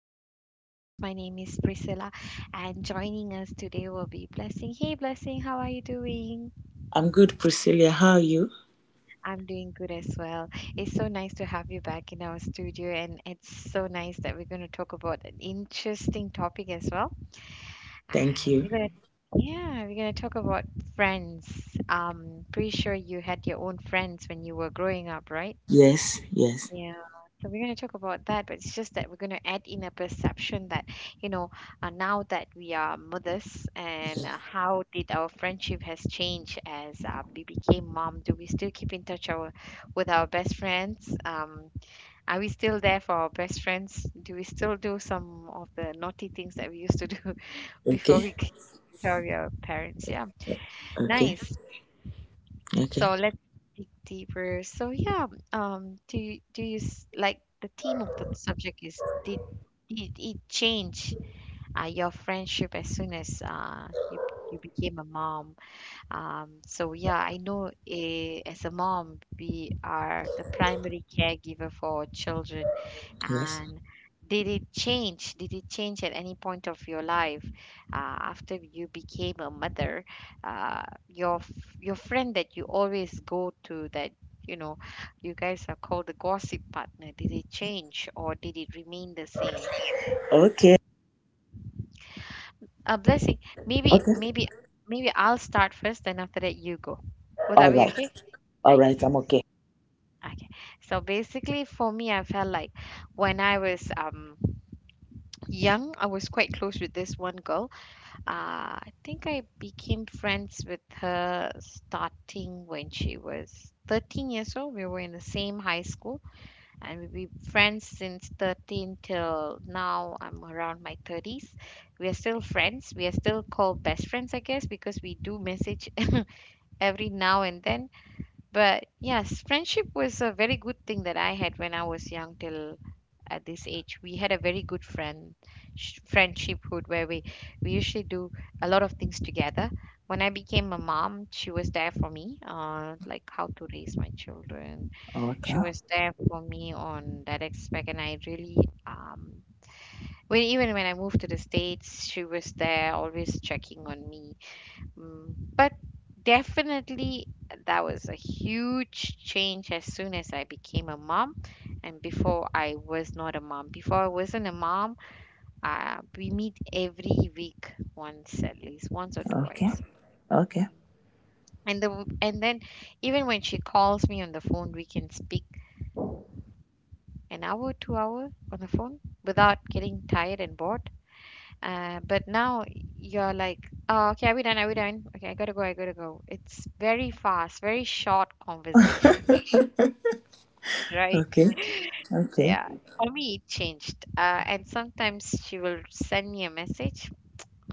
I'll be your host. My name is Priscilla, and joining us today will be Blessing. Hey, Blessing, how are you doing? I'm good, Priscilla. How are you? I'm doing good as well. It's so nice to have you back in our studio, and it's so nice that we're going to talk about an interesting topic as well. Thank And we're you. going to yeah, We're going to talk about friends. Pretty sure you had your own friends when you were growing up, right? Yes, yes, Yeah, so we're going to talk about that, but it's just that we're going to add in a perception that, you know, now that we are mothers, and yes. how did our friendship has changed as we became mom? Do we still keep in touch with our best friends? Are we still there for our best friends? Do we still do some of the naughty things that we used to do before we Okay, became our parents? Yeah, okay, nice. okay. So let's dig deeper. So yeah, like the theme of the subject is did it change your friendship as soon as you became a mom? So yeah, I know as a mom, we are the primary caregiver for our children. Yes. And did it change? Did it change at any point of your life after you became a mother? Your friend that you always go to, that you know you guys are called the gossip partner. Did it change or did it remain the same? Okay, A blessing. Maybe okay. maybe maybe I'll start first, then after that you go. Would All that be right, okay? all right. Nice. I'm okay. Okay. So basically, for me, I felt like when I was young, I was quite close with this one girl. I think I became friends with her starting when she was 13 years old. We were in the same high school, and we've been friends since 13 till now. I'm around my 30s. We are still friends. We are still called best friends, I guess, because we do message every now and then. But yes, friendship was a very good thing that I had when I was young till at this age. We had a very good friendship where we usually do a lot of things together. When I became a mom, she was there for me, like how to raise my children. She Okay, was there for me on that aspect, and I really when even when I moved to the States, she was there always checking on me. Mm. But definitely, that was a huge change as soon as I became a mom. And before I was not a mom, before I wasn't a mom, we meet every week once, at least once or okay, twice. okay, And then even when she calls me on the phone, we can speak an hour, 2 hour on the phone without getting tired and bored. But now you're like, oh, okay, are we done? Are we done? Okay, I gotta go. I gotta go. It's very fast, very short conversation, right? okay, okay, Yeah. For me, it changed. And sometimes she will send me a message,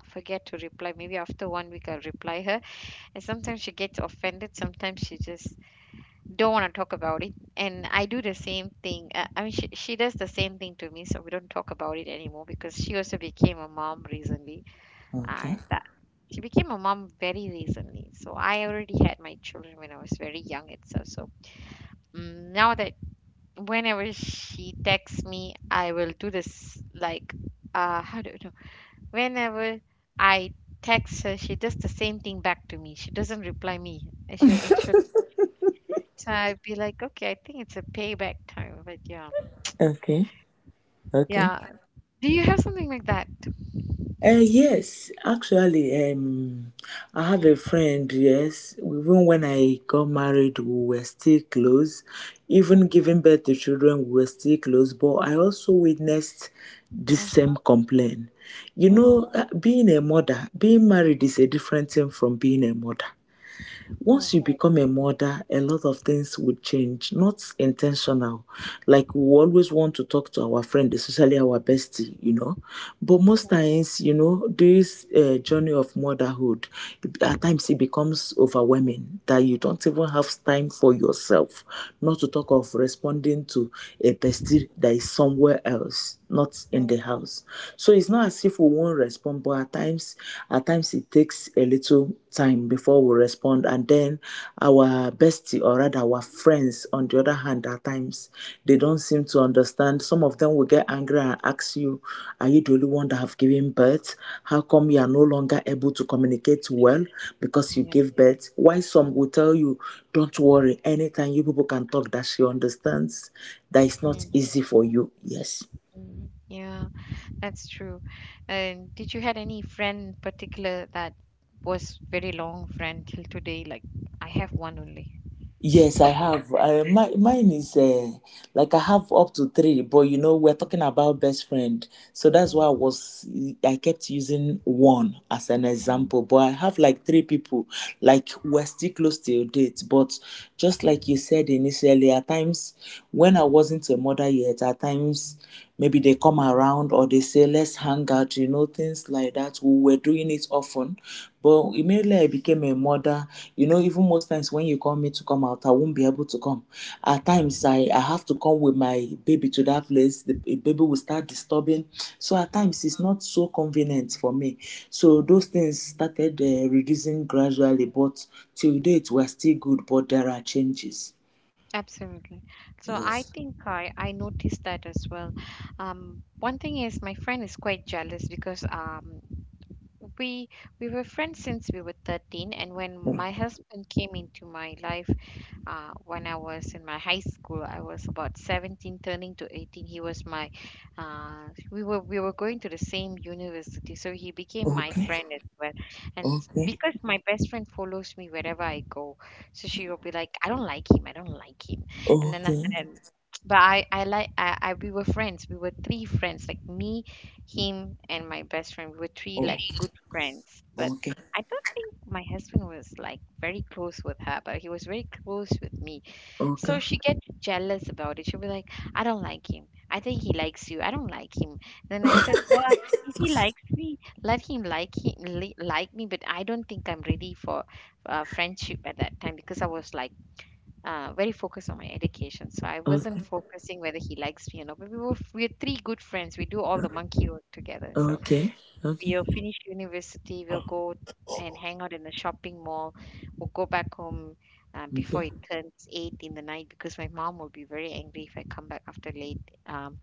forget to reply. Maybe after one week, I'll reply her. And sometimes she gets offended. Sometimes she just don't want to talk about it. And I do the same thing. I mean, she does the same thing to me, so we don't talk about it anymore because she also became a mom recently. okay, And she became a mom very recently, so I already had my children when I was very young itself, so now that whenever she texts me, I will do this, like, how do you know, whenever I text her, she does the same thing back to me. She doesn't reply me. And should it should so I'd be like, okay, I think it's a payback time. But yeah, okay, okay. yeah, do you have something like that? Yes, actually, I have a Mm, friend. Yes, even when I got married, we were still close. Even mm, giving birth to children, we were still close. But I also witnessed this mm, same complaint. You know, mm, being a mother, being married is a different thing from being a mother. mm, Once you become a mother, a lot of things would change, not intentional. Like we always want to talk to our friend, especially our bestie. But mhm, most times, this journey of motherhood, at times it becomes overwhelming that you don't even have time for yourself, not to talk of responding to a bestie that is somewhere else, not mm. in the house. So it's not as if we won't respond, but at times it takes a little time before we respond, and then our bestie, or rather our friends on the other hand, at times they don't seem to understand. Some of them will get angry and ask you, are you the only one that have given birth? How come you are no longer able to communicate well because you Yeah. gave birth? Why? Some Mm, will tell you, don't worry, anytime you people can talk, that she understands that it's not mm. easy for you. Yes. Mm. Yeah. That's true. And did you had any friend in particular that was very long friend till today? Like, I have one only. Yes, I have. Mine is like I have up to three, but we're talking about best friend. So that's why I Mm, was, I kept using one as an mm, example. But I have like three people, like we're still close to date. But just like you said initially, at times when I wasn't a mother yet, at times maybe they come around or they say, let's hang out, things like that. We were doing it often. But immediately I became a mother, even most times when you call me to come out, I won't be able to come. At mm, times, I have to come with my baby to that place. The baby will start disturbing. So at mm, times, it's not so convenient for me. So mm. those things started reducing gradually, but till date, we're still good, but there are changes. Absolutely. So I Yes. think I noticed that as well. One thing is my friend is quite jealous because, we we were friends since we were 13, and when Mm. my husband came into my life when I was in my high school. I was about 17, turning to 18. He was my, we were going to the same university, so he became my Okay. friend as well. Okay. Because my best friend follows me wherever I go, so she will be like, I don't like him, and then Okay. after that. But I like I we were friends. We were three friends, like me, him, and my best friend. We were three Oh, like good friends. But okay. I don't think my husband was like very close with her, but he was very close with me. So Okay. she get jealous about it. She'll be like, I don't like him. I think he likes you. I don't like him. Then I said, well, if he likes me, let him like me. But I don't think I'm ready for friendship at that time because I was like very focused on my education. So I Okay. wasn't focusing whether he likes me or not. But we're three good friends. We do all the monkey work together. So Okay. Okay. we'll finish university, we'll go and hang out in the shopping mall. We'll go back home Mm, before okay. it turns eight in the night because my mom will be very angry if I come back after late.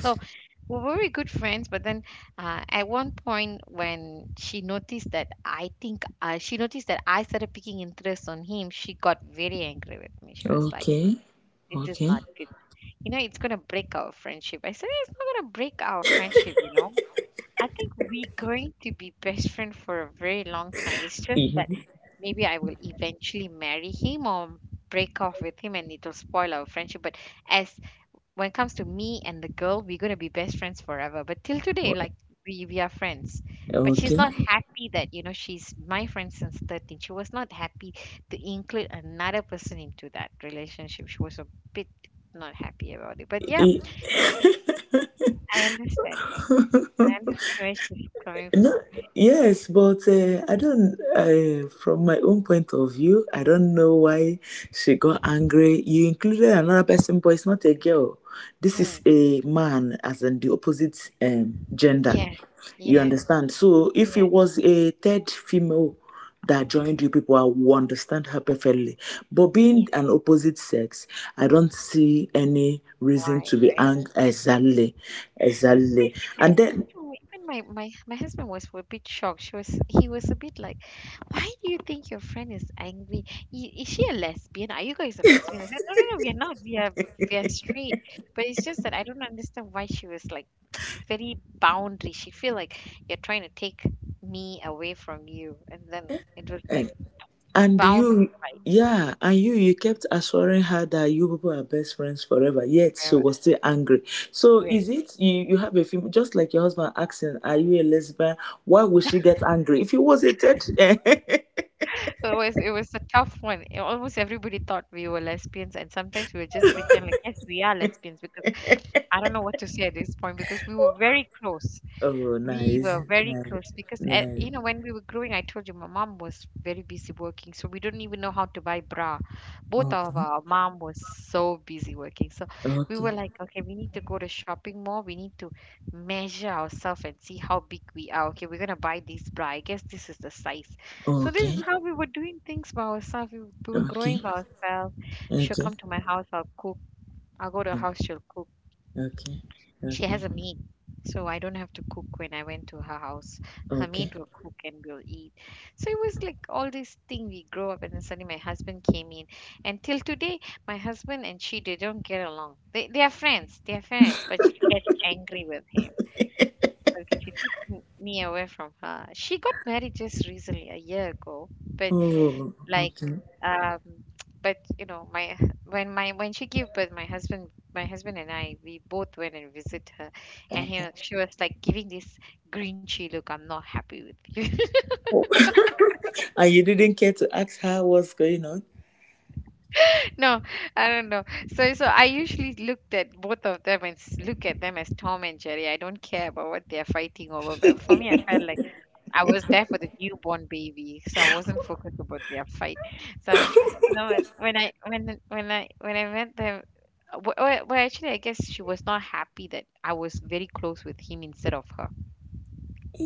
So we're very good friends, but then at one point when she noticed that, I think she noticed that I started picking interest on him, she got very angry with me. She was like, Okay. "This is Okay. not good. You know, it's gonna break our friendship." I said, "It's not gonna break our friendship. You know." I think we are going to be best friend for a very long time. It's just that Mhm. maybe I will eventually marry him or break off with him and it'll spoil our friendship. But as when it comes to me and the girl, we're gonna be best friends forever. But till today, like, we are friends. But she's Okay. not happy that, you know, she's my friend since 13. She was not happy to include another person into that relationship. She was a bit not happy about it. But yeah, Eh, I understand. I understand where she's coming No, from. yes, but I don't. From my own point of view, I don't know why she got angry. You included another person, but it's not a girl. This is Mhm. a man, as in the opposite gender. Yeah, You yeah, understand? So if yeah, it was a third female that mm, joined you people, I will understand her perfectly. But being yeah. an opposite sex, I don't see any reason Why, to be right? angry. Exactly, It's exactly. basically, I And then. think too, even my husband was a bit shocked. She was he was a bit like, why do you think your friend is angry? I- Is she a lesbian? Are you guys a lesbian? I said, no, no, no, we're not. We are straight. But it's just that I don't understand why she was like very boundary. She feel like you're trying to take me away from you, and then it was uh, like And boundary you, fight yeah, and you kept assuring her that you people are best friends forever, yet she was still angry. So forever. is it you have a female, just like your husband asking, are you a lesbian? Why would she get angry? If he was a third, So it was a tough one. A- Almost everybody thought we were lesbians, and sometimes we would just pretend like, yes, we are lesbians because I don't know what to say at this point because we were very close. oh, We nice, were very nice, close because at, nice. you know, when we were growing, I told you my mom was very busy working, so we didn't even know how to buy bra. Both of Okay, our mom was so busy working, so we were okay, like, okay, we need to go to shopping mall. We need to measure ourselves and see how big we are. Okay, we're gonna buy this bra. I guess this is the size. So this okay, is how we were doing things by ourselves. We were growing okay, by ourselves. She'll okay, come to my house. I'll cook. I'll go to her house. She'll cook. okay, She okay, has a maid, so I don't have to cook when I went to her house. Her okay. maid will cook and we'll eat. So it was like all this thing we grow up, and then suddenly my husband came in. And till today, my husband and she, they don't get along. They are friends. They are friends, but she gets angry with him because she took me away from her. She got married just recently, a year ago, but Oh, like okay, um but you know my when she gave birth, my husband and I, we both went and visit her and he okay. she was like giving this grinchy look, "I'm not happy with you." Oh. And you didn't care to ask her what's going on. No, I don't know. So I usually looked at both of them and look at them as Tom and Jerry. I don't care about what they're fighting over, but for me, I felt like I was there for the newborn baby, so I wasn't focused about their fight. So, you know, when I met them, actually, I guess she was not happy that I was very close with him instead of her.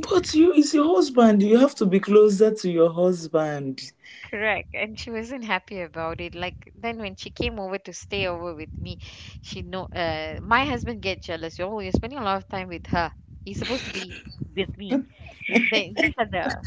But you is your husband. You have to be closer to your husband. Correct. And she wasn't happy about it. Like then, when she came over to stay over with me, she know, my husband get jealous. Oh, you're spending a lot of time with her. He's supposed to be with me. Then these are the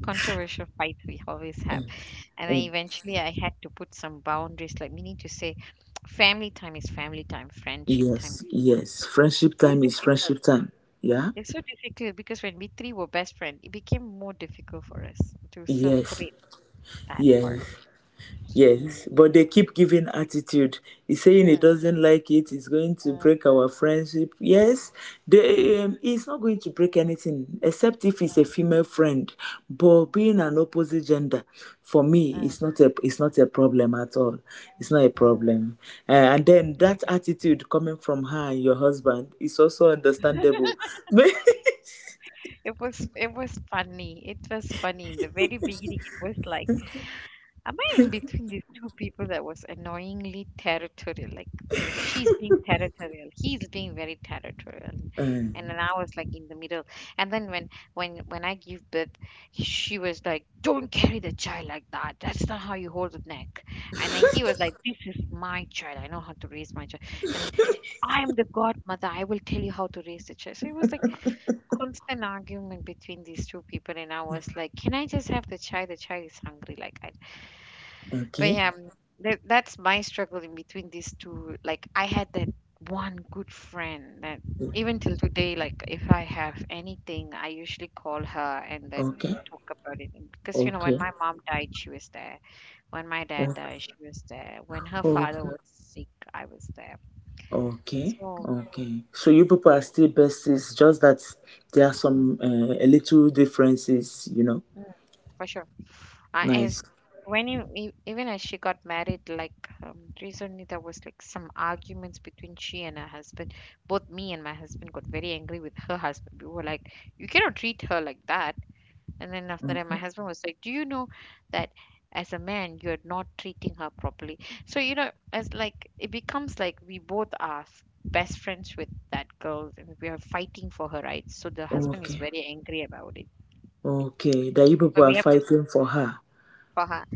controversial fights we always have. Mm, And mm. I Eventually, I had to put some boundaries, like meaning to say, family time is family time, friendship time. Yes, yes. Friendship So time is friendship difficult. time. Yeah? It's so difficult because when we three were best friends, it became more difficult for us to Yes, separate that part. yes. Mm. Yes, but they keep giving attitude. He's saying he Mm. doesn't like it. It's going to Mm. break our friendship. Yes, Mm. He's not going to break anything except if it's a female friend. But being an opposite gender, for me, Mm. it's not a problem at all. It's not a Mm. problem. And then Yeah. that attitude coming from her and your husband is also understandable. It was funny. It was funny in the very beginning. It was like. Am I in between these two people that was annoyingly territorial? Like, she's being territorial, he's being very territorial. And Um, then I was like in the middle. And then when I give birth, she was like, "Don't carry the child like that. That's not how you hold the neck." And then he was like, "This is my child. I know how to raise my child." And then, "I am the godmother. I will tell you how to raise the child." So it was like constant argument between these two people, and I was like, "Can I just have the child? The child is hungry. Like I." But okay, yeah, that's my struggle in between these two. Like, I had that one good friend that even till today, like if I have anything, I usually call her, and then we okay, would talk about it. And because, okay, when my mom died, she was there. When my dad died, she was there. When her father okay, was sick, I was there. okay, So, okay. So you people are still besties, just that there are mm, some a little differences. mm, for sure. Nice. as when you, e- Even as she got married, like recently, there was like some arguments between she and her husband. Both me and my husband got very angry with her husband. We were like, "You cannot treat her like that." And then after that, my Okay, husband was like, "Do you know that as a man, you're not treating her properly?" So, as like it becomes like we both are best friends with that girl, and we are fighting for her rights, so the husband is okay, very angry about it. okay. That you people But are we have to fighting for her. for her.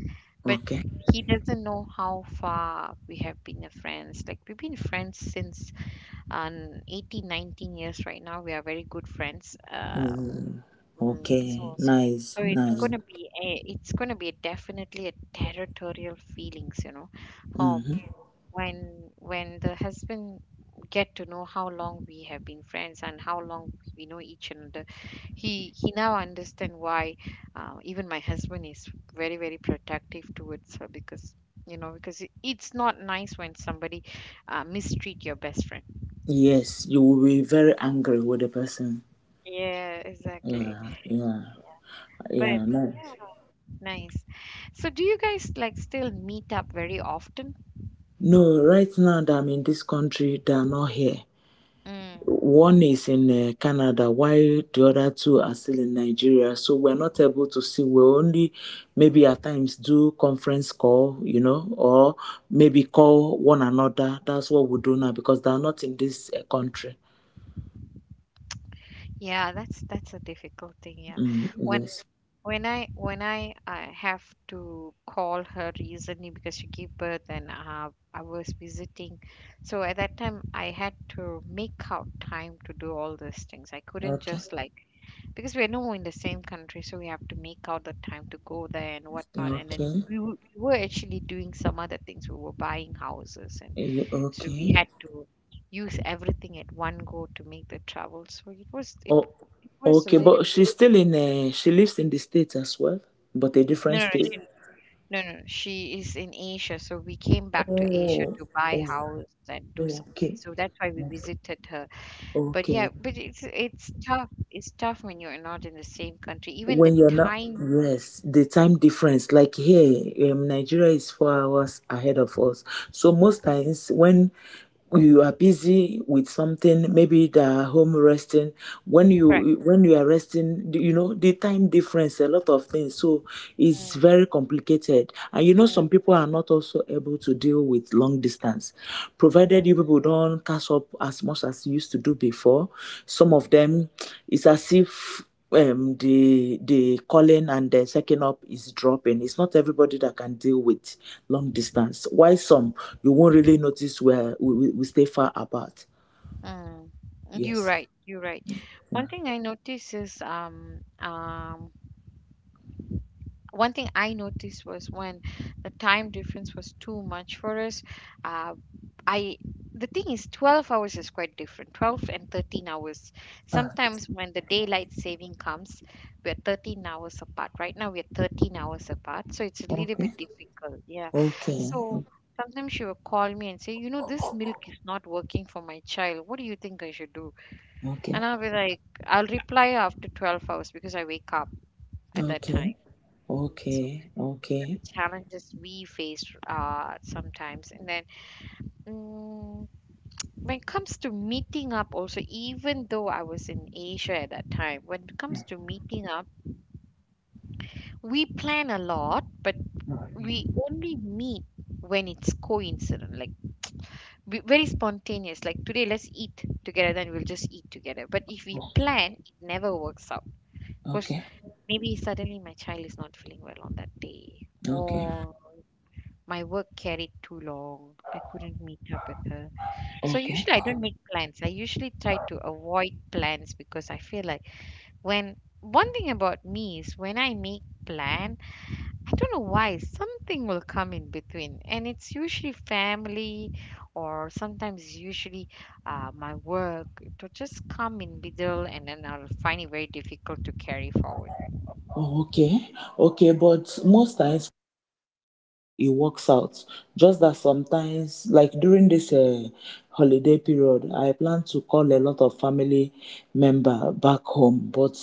But Okay. he doesn't know how far we have been a friends, like we've been friends since 18 19 years. Right now we are very good friends. Mm, okay. So Nice, so nice. It's gonna be definitely a territorial feelings, for Mm-hmm. when the husband get to know how long we have been friends and how long we know each another, he now understand why, even my husband is very very protective towards her because, because it's not nice when somebody, mistreat your best friend. Yes, you will be very angry with the person. Yeah, exactly. Yeah, yeah, But yeah. No, yeah, nice. So do you guys, like, still meet up very often? no. Right now that I'm in this country, they are not here. Mm. One is in Canada, while the other two are still in Nigeria. So we're not able to see. We only maybe at times do conference call, or maybe call one another. That's what we do now because they are not in this country. Yeah, that's a difficult thing, yeah. Mm, When yes. when I have to call her recently because she gave birth, and I was visiting, so at that time, I had to make out time to do all these things. I couldn't Okay. just like, because we're no in the same country, so we have to make out the time to go there and whatnot. And then Okay. we were actually doing some other things. We were buying houses, and so we Okay. had to use everything at one go to make the travel. So Oh, it was a okay. little. But she's still in. She lives in the states as well, but a No, different no, no, state. No, no, no, she is in Asia. So we came back to Asia Oh. to buy Oh. house and do something, Okay. so that's why we visited her. But Okay. yeah, but it's tough when you're not in the same country, even the When you're not, time. yes, the time difference, like here, Nigeria is 4 hours ahead of us. So most times when you are busy with something, maybe they are home resting. when Correct. you when you are resting, you know the time difference, a lot of things. So it's Mm. very complicated, and some Mm. people are not also able to deal with long distance. Provided Mm. you people don't catch up as much as you used to do before, some Mm. of them, it's as if the calling and the second up is dropping. It's not everybody that can deal with long distance. Why some, you won't really notice where we stay far apart. Mm. You're Yes. right, you're right. one thing i notice is um um One thing I noticed was when the time difference was too much for us. Uh, I The thing is, 12 hours is quite different. 12 and 13 hours. Ah, Sometimes when the daylight saving comes, we're 13 hours apart. Right now we're 13 hours apart, so it's a little okay. bit difficult. Yeah, Okay. so. Sometimes she will call me and say, "You know, this milk is not working for my child. What do you think I should do?" Okay. And I'll be like, "I'll reply after 12 hours because I wake up at that Okay. time." So Okay. the Okay. challenges we face, sometimes. And then, mm, when it comes to meeting up, also, even though I was in Asia at that time, when it comes to meeting up, we plan a lot, but Mm, we okay. only meet when it's coincident, like very spontaneous. Like today, let's eat together, then we'll just eat together. But if we plan, it never works out because Okay. maybe suddenly my child is not feeling well on that day, Okay. or my work carried too long. I couldn't meet up with her. So Okay. usually I don't make plans. I usually try to avoid plans because I feel like when one thing about me is when I make plan, I don't know why something will come in between, and it's usually family or sometimes usually, my work. It will just come in middle, and then I'll find it very difficult to carry forward. Oh, okay. Okay. But most times it works out. Just that sometimes, like during this holiday period, I plan to call a lot of family member back home. But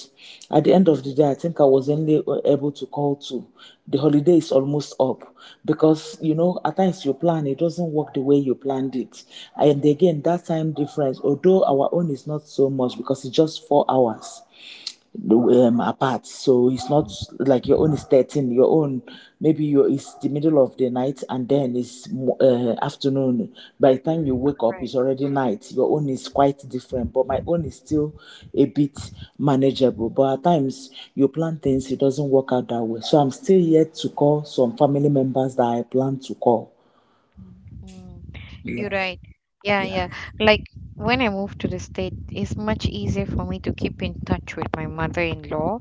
at the end of the day, I think I was only able to call two. The holiday is almost up, because at times you plan, it doesn't work the way you planned it, and again, that time difference. Although our own is not so much, because it's just 4 hours apart. So it's not Oh, like your own is 13, your own, maybe your it's the middle of the night, and then it's afternoon. By the time you wake up, correct. it's already night. Your own is quite different, but my own is still a bit Mm. manageable. But at times you plan things, it doesn't work out that way. So I'm still yet to call some family members that I plan to call. Mm. You're Yeah. right. Yeah, Yeah. yeah. Like when I moved to the state, it's much easier for me to keep in touch with my mother-in-law,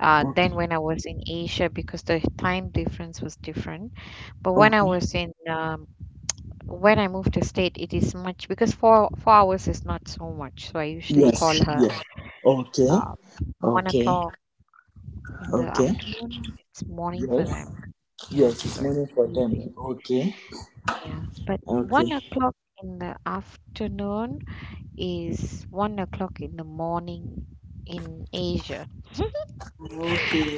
than Okay. when I was in Asia because the time difference was different. But Okay. When I moved to state, it is much because four hours is not so much. So I usually Yes. call her Yes. Okay. uh, one Okay. o'clock in the Okay. afternoon. It's morning for Yes. them. Yeah, Yes, it's so morning it's for easier. them. Okay. Yeah, but Okay. 1 o'clock in the afternoon is 1 o'clock in the morning in Asia. Okay,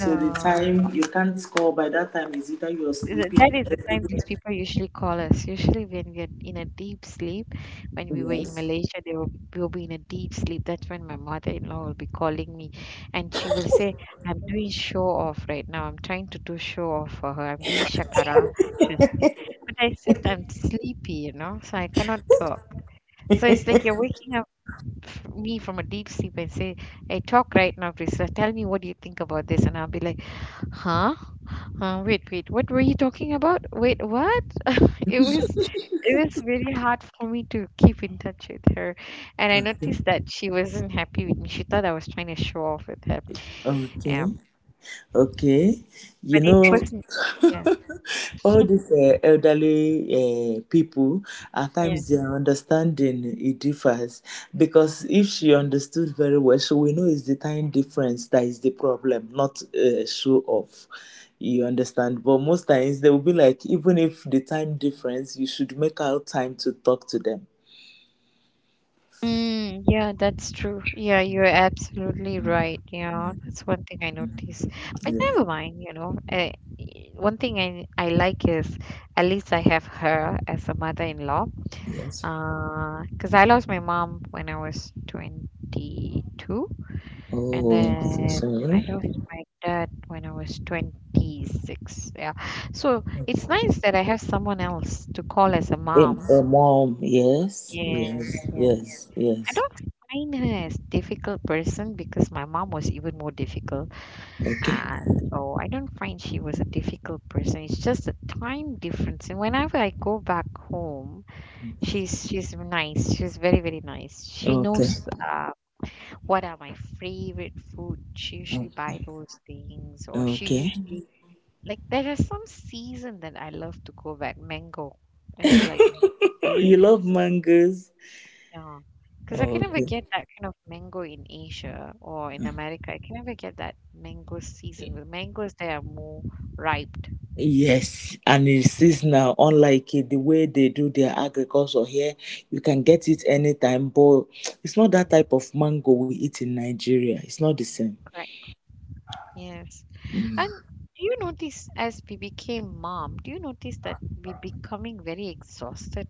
So the time you can't call by that time is either you're that sleeping. is the time these people usually call us. Usually, when we are in a deep sleep, when we were in Yes. Malaysia, we will be in a deep sleep. That's when my mother in law will be calling me, and she will say, "I'm doing show off right now. I'm trying to do show off for her. I'm doing shakara." She'll say, but I said, "I'm sleepy, you know, so I cannot talk." So it's like you're waking up me from a deep sleep and say, "Hey, talk right now, Priscilla. Tell me, what do you think about this?" And I'll be like, "Huh? Wait, wait, what were you talking about? Wait, what?" it was it was really hard for me to keep in touch with her. And I Okay. noticed that she wasn't happy with me. She thought I was trying to show off with her. Okay. Um, Okay. You but know, it wasn't. Yeah. all these elderly people, at Yeah. times their understanding it differs, because if she understood very well, she will know it's the time difference that is the problem, not show off. You understand? But most times they will be like, even if the time difference, you should make out time to talk to them. Yeah, that's true. Yeah, you're absolutely right. Yeah, that's one thing I noticed. But Yes. never mind, you know. One thing I like is at least I have her as a mother-in-law. Yes. 'Cause I lost my mom when I was 22, and Oh, so then I sorry. lost my dad when I was 26. Yeah. So it's nice that I have someone else to call as a A, mom. a mom, yes, Yeah, yes, yeah. yes, I yes. don't find her as difficult person because my mom was even more difficult. Okay, Uh, so I don't find she was a difficult person. It's just a time difference. And whenever I go back home, she's nice. She's very very nice. She okay, knows, what are my favorite food. She usually buy okay, those things, or she okay. usually, like, there is some season that I love to go back. Mango is like my You favorite. love mangoes. Yeah, because I can never Okay. get that kind of mango in Asia or in America. I can never get that mango season. The mangoes there are more ripe. Yes, and it Mm. is now unlike it, the way they do their agriculture here. You can Mm. get it anytime, but it's not that Mm. type of mango we eat in Nigeria. It's not the same. Correct. Yes. And do you notice, as we became mom, do you notice that we're becoming very exhausted?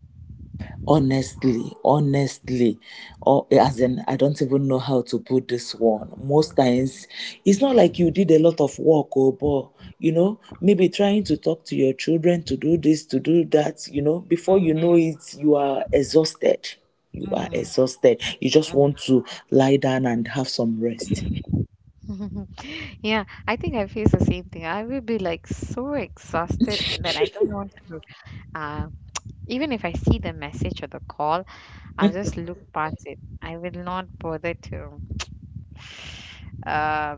Honestly, or as in I don't even know how to put this one. Most Mm. times it's not like you did a lot of work, or but maybe trying to talk to your children to do this, to do that, before Mm. you know it, you are exhausted you are Mm. exhausted You just Mm. want to lie down and have some rest. Yeah, I think I face the same thing. I will be like so exhausted that I don't want to. uh, Even if I see the message or the call, I'll just look past it. I will not bother to. Uh,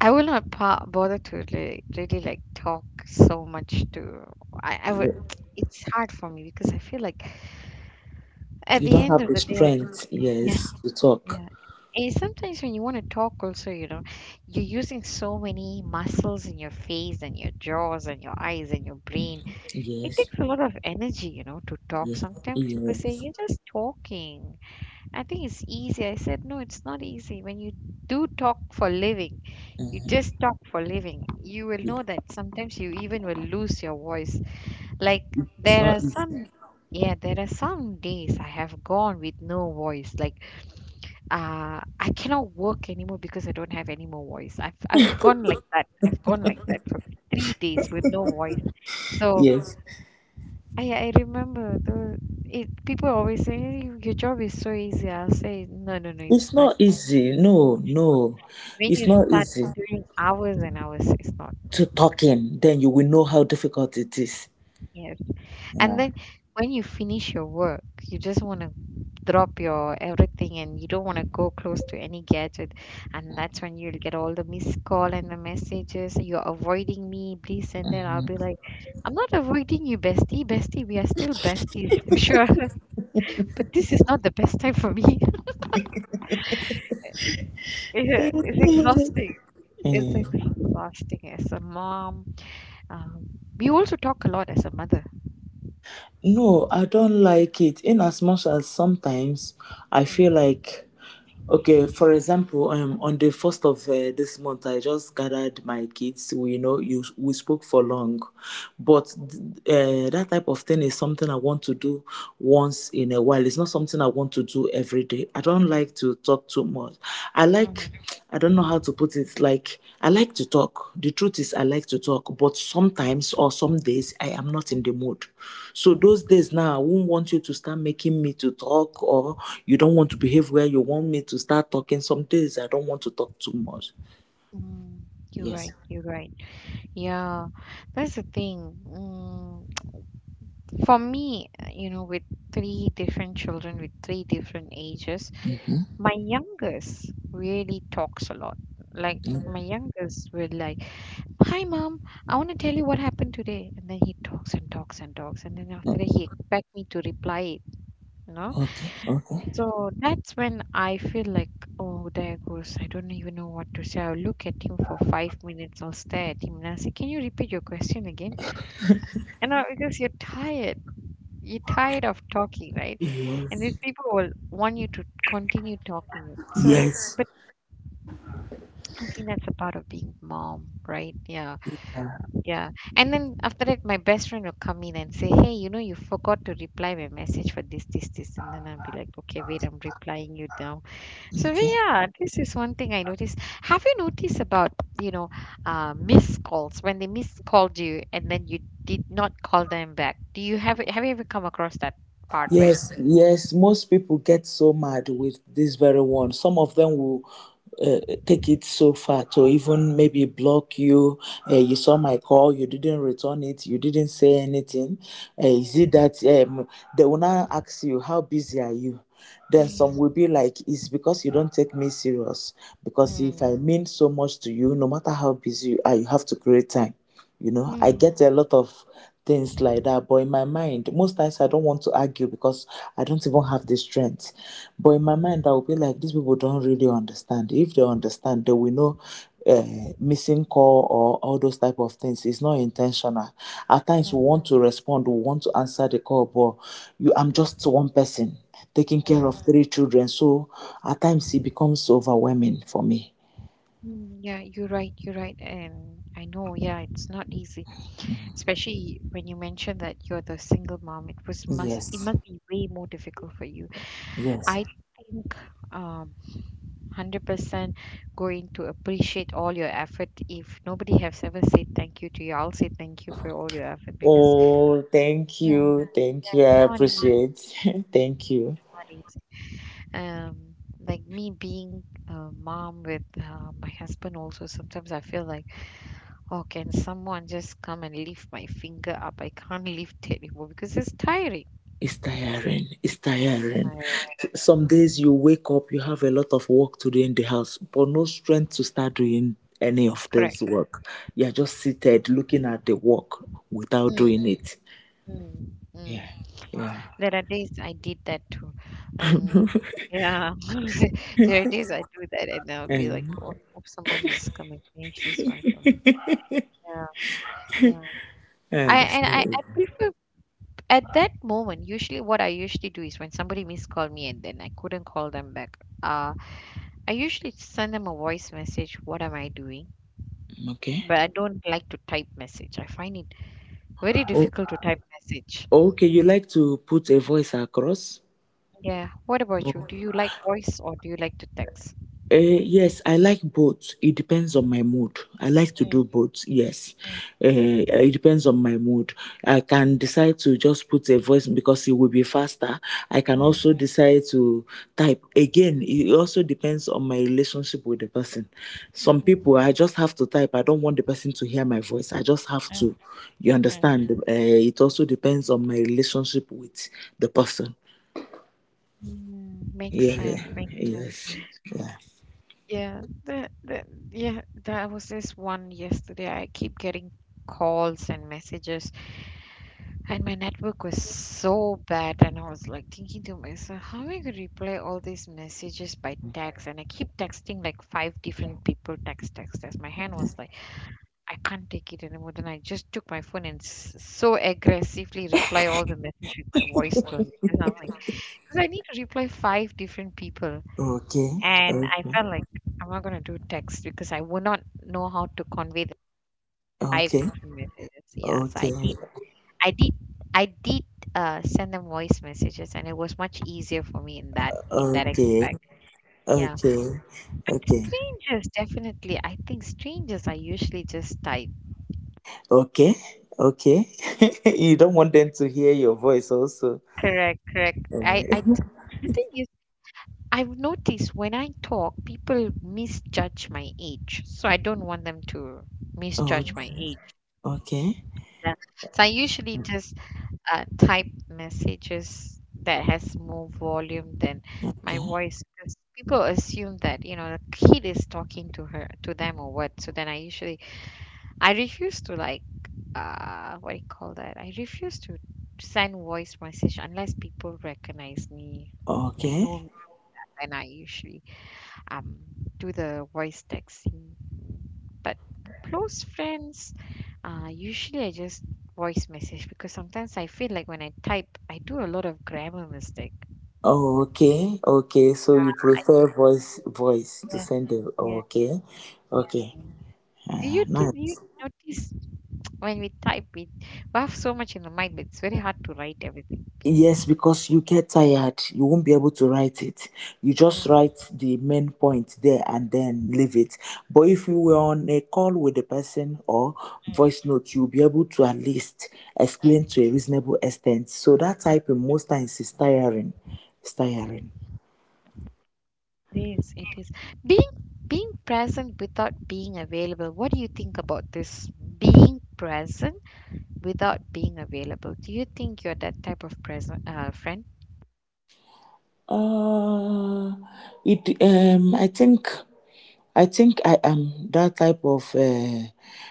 I will not bother to really, really like talk so much to. I would. you It's hard for me because I feel like at you the don't end have of the the day, strength, yeah, yes, to talk. yeah. And sometimes when you want to talk, also, you're using so many muscles in your face and your jaws and your eyes and your brain. It Yes. takes a lot of energy, to talk. Yes. Sometimes people say Yes. you're just talking. I think it's easy. I said, no, it's not easy. When you do talk for living, you uh, just talk for living, you will yeah. know that sometimes you even will lose your voice. Like It's there not are easy. some, yeah, there are some days I have gone with no voice. Like I cannot work anymore because I don't have any more voice. I've gone like that. I've gone like that for 3 days with no voice. So Yes. I remember those. People always say, "Eh, your job is so easy." I'll say, no, no, no, it's It's not not easy. No, no. when It's you not start easy doing hours and hours, it's not. to talk in. Then you will know how difficult it is. Yes. And Yeah. then when you finish your work, you just want to drop your everything, and you don't want to go close to any gadget. And that's when you'll get all the missed call and the messages. "You're avoiding me, please send that." I'll be Mhm. like, "I'm not avoiding you, bestie, bestie, we are still besties for sure." But this is not the best time for me. Yeah, it's exhausting. It's Eh, exhausting as a mom. Um, we also talk a lot as a mother. No, I don't like it. In as much as sometimes I Mm. feel like. Okay, for example, on the first of this month, I just gathered my kids. We, you know, you we spoke for long, but that type of thing is something I want to do once in a while. It's not something I want to do every day. I don't like to talk too much. I like Mhm. I don't know how to put it. Like, I like to talk. The truth is, I like to talk, but sometimes or some days I am not Mm. in the mood. So, those Mm. days now, I won't want you to start making me to talk, or you don't want to behave where you want me to start talking. Some days I don't want to talk too much. Mm. You're Yes. right. You're right. Yeah, that's the thing. For me, with three different children with three different ages, Mm-hmm. my youngest really talks a lot. Like Mm, my youngest will like, "Hi, mom. I want to tell you what happened today," and then he talks and talks and talks, and then after uh, that he expect me to reply it. No. okay. Okay. So that's when I feel like, oh, there goes. I don't even know what to say. I'll look at him for 5 minutes or stare at him and I'll say, can you repeat your question again? Because you're tired of talking, right? And Yes. these people will want you to continue talking. So it, Yes. but I think that's a part of being mom, right? Yeah, Uh, yeah. And then after that, my best friend will come in and say, hey, you know, you forgot to reply my message for this, this, this. And then I'll be like, okay, wait, I'm replying you now. So Okay. yeah, this is one thing I noticed. Have you noticed about you know missed calls when they miscalled you and then you did not call them back? Do you Have you ever come across that part where? Yes, yes, most people get so mad with this very one. Some of them will uh, take it so far to even maybe block you. You saw my call, you didn't return it, you didn't say anything. Is it that they will now ask you, "How busy are you?" Then some will be like, "It's because you don't take me serious. Because if I Mm. mean so much to you, no matter how busy you are, you have to create time." You know, I Mm. get a lot of things like that, but in my mind, most times I don't want to argue because I don't even have the strength. But in my mind, I will be like, these people don't really understand. If they understand, they will know missing call or all those type of things, it's not intentional. At Mm. times we Mm. want to respond, we want to answer the call, but you I'm just one person taking care of Mm. three children. So at times it becomes overwhelming for me. Mm. Yeah, you're right. You're right, and I know. Yeah, it's not easy, especially when you mentioned that you're the single mom. It Yes, must be way more difficult for you. yes. I think um 100% going to appreciate all your effort. If nobody has ever said thank you to you, I'll say thank you for all your effort because Oh, thank yeah, you, thank yeah, you. it's I not easy. It's appreciate. Thank you. not easy. Like me being a mom with my husband, also sometimes I feel like, oh, can someone just come and lift my finger up? I can't lift it anymore because it's tiring. It's tiring. It's tiring. Tiring. Some Um, days you wake up, you have a lot of work to do in the house, but no strength to start doing any of correct. those work. You're just seated looking at the work without Mm. doing it. Mm. Mm. Yeah, yeah. There are days I did that too. And yeah, there are days I do that and I'll be like, And, oh, hope someone is come and change this one for me. uh, Yeah, yeah. I prefer at that moment, usually what I usually do is when somebody miscalled me and then I couldn't call them back, I usually send them a voice message, what am I doing? okay. But I don't like to type message. I find it very Oh, difficult to type message. okay, you like to put a voice across? Yeah. What about you? Do Oh. you like voice or do you like to text? Yes, I like both. It depends on my mood. I like to do Mm, both. Yes, mm, it depends on my mood. I can decide to just put a voice because it will be faster. I can mm, also decide to type. Again, it also depends on my relationship with the person. Some people, mm. I just have to type. I don't want the person to hear my voice. I just have Mm, to. You mm. understand? It also depends on my relationship with the person. Makes sense, Yeah. makes sense. Yes. Yeah. Yeah, yeah, there was this one yesterday. I keep getting calls and messages, and my network was so bad. And I was like thinking to myself, how am I gonna reply all these messages by text? And I keep texting like five different people, text, text, text. My hand was like, I can't take it anymore. Then I just took my phone and s so aggressively reply all the message with my voice tone because I'm like, because I need to reply five different people. Okay. And I Okay. felt like I'm not gonna do text because I would not know how to convey the five Okay. different messages. Yeah, so Okay. I did, I did send them voice messages, and it was much easier for me in that Okay. aspect. Yeah, Okay. but Okay. strangers definitely. I think strangers are usually just type. Okay. Okay. You don't want them to hear your voice also. Correct, correct. Eh. The thing is, I've noticed when I talk, people misjudge my age, so I don't want them to misjudge my O- age. Okay. Yeah. So I usually just type messages that has more volume than my Okay. voice because people assume that the kid is talking to her to them or what. So then I refuse to, like, what do you call that? I refuse to send voice message unless people recognize me, they Okay. know me. And I usually um do the voice texting. But close friends, usually I just voice message because sometimes I feel like when I type, I do a lot of grammar mistake. Okay. Okay. So you prefer voice to Yeah, send them. yeah, Okay. yeah. Okay. Do you, do you Nice. notice, when we type, we have so much in the mind, but it's very hard to write everything. Yes, because you get tired, you won't be able to write it. You just Mm, write the main point there and then leave it. But if you were on a call with the person or mm, voice note, you'll be able to at least explain mm, to a reasonable extent. So that mm. typing most times is tiring. It's tiring. It is, it is. Being being present without being available. What do you think about this? Being present without being available. Do you think you're that type of present friend? Uh, it I think I am that type of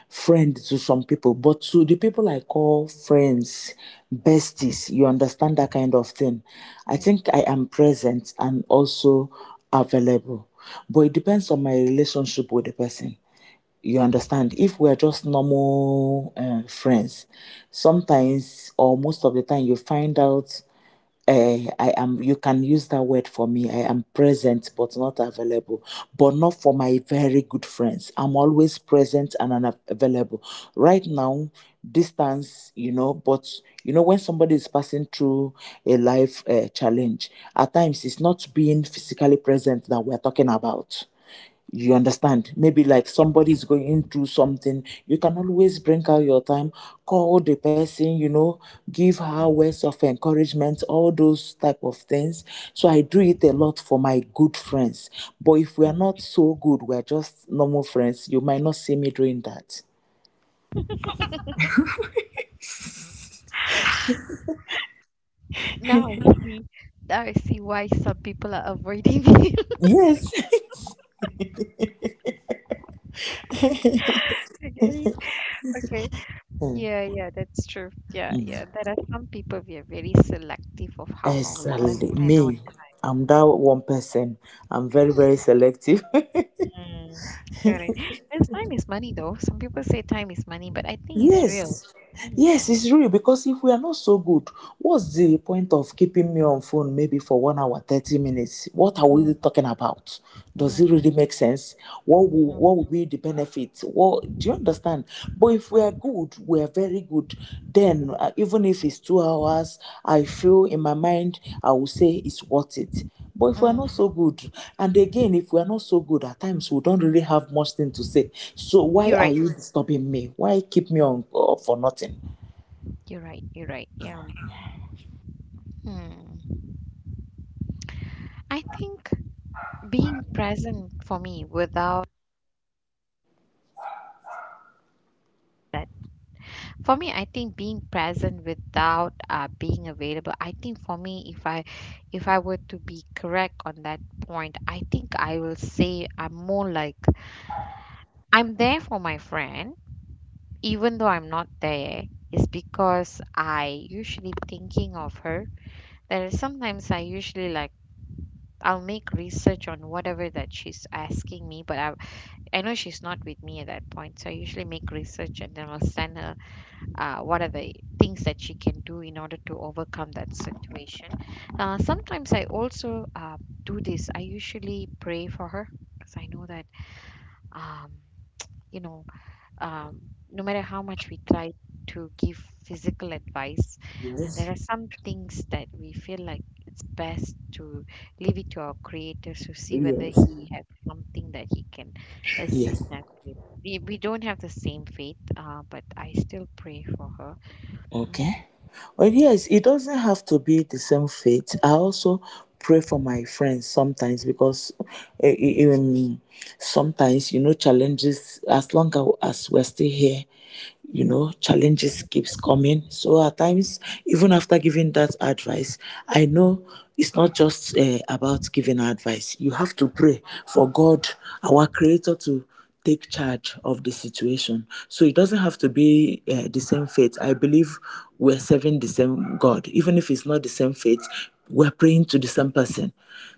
friend to some people, but to the people I call friends, besties, you understand that kind of thing. I Mm. think I am present and also available, but it depends on my relationship with the person. You understand? If we're just normal friends, sometimes or most of the time you find out I am, you can use that word for me. I am present but not available, but not for my very good friends. I'm always present and unavailable. Available. Right now, distance, you know, but you know, when somebody is passing through a life challenge, at times it's not being physically present that we're talking about, you understand? Maybe like Yep. somebody is going through something. You can always bring out your time, call the person, you know, give her Mm. words of encouragement, all those type of things. So I do it a Mhm. lot for my good friends. But if we are Mm. not so good, we are just normal friends, you might not see me doing that. Now I see, now I see why some people are avoiding me. Yes. I get it. Okay. Mm, Yeah, yeah, that's true. Yeah, yeah. mm. There are some people we are very selective of how long we want to Exactly. spend our Me. I'm time. that one person. I'm very, very selective. Mm, Correct. Because time is money, though. Some people say time is money, but I think it's real. Yes. Time is Yes, money. it's real because if we are not so good, what's the Mm, point of keeping me on phone maybe for 1 hour, 30 minutes? What are we mm, talking about? Does it mm, really make sense? What mm, will be the benefit? What, do you understand? But if we are mm, good, we are very good, then even if it's 2 hours, I feel in my mind, I will say it's worth it. But if we are not so mm. good, and again, if we are not so good, at times we don't really have much thing to say. So why You're are right. you disturbing me? Why keep me on for nothing? You're right. You're right. Yeah. Hmm. I think. Being present for me without that, for me, I think being present without being available. I think for me, if I were to be correct on that point, I think I will say I'm more like I'm there for my friend, even though I'm not there. Is because I usually thinking of her. There is sometimes I usually like I'll make research on whatever that she's asking me, but I know she's not with me at that point, so I usually make research and then I'll send her what are the things that she can do in order to overcome that situation. Sometimes I also do this. I usually pray for her because I know that, um, you know, um, no matter how much we try to give physical advice, Yes. there are some things that we feel like it's best to leave it to our creator to see whether Yes. he has something that he can assist Yes. us with. We don't have the same faith, but I still pray for her. Okay. Mm. Well, yes, it doesn't have to be the same faith. I also pray for my friends sometimes because eh, eh, um, sometimes, you know, challenges, as long as we're still here, you know, challenges keeps coming. So at times, even after giving that advice, I know it's not just about giving advice, you have to pray for God, our creator, to take charge of the situation. So it doesn't have to be the same faith. I believe we're serving the same God even if it's not the same faith. We're praying to the same person.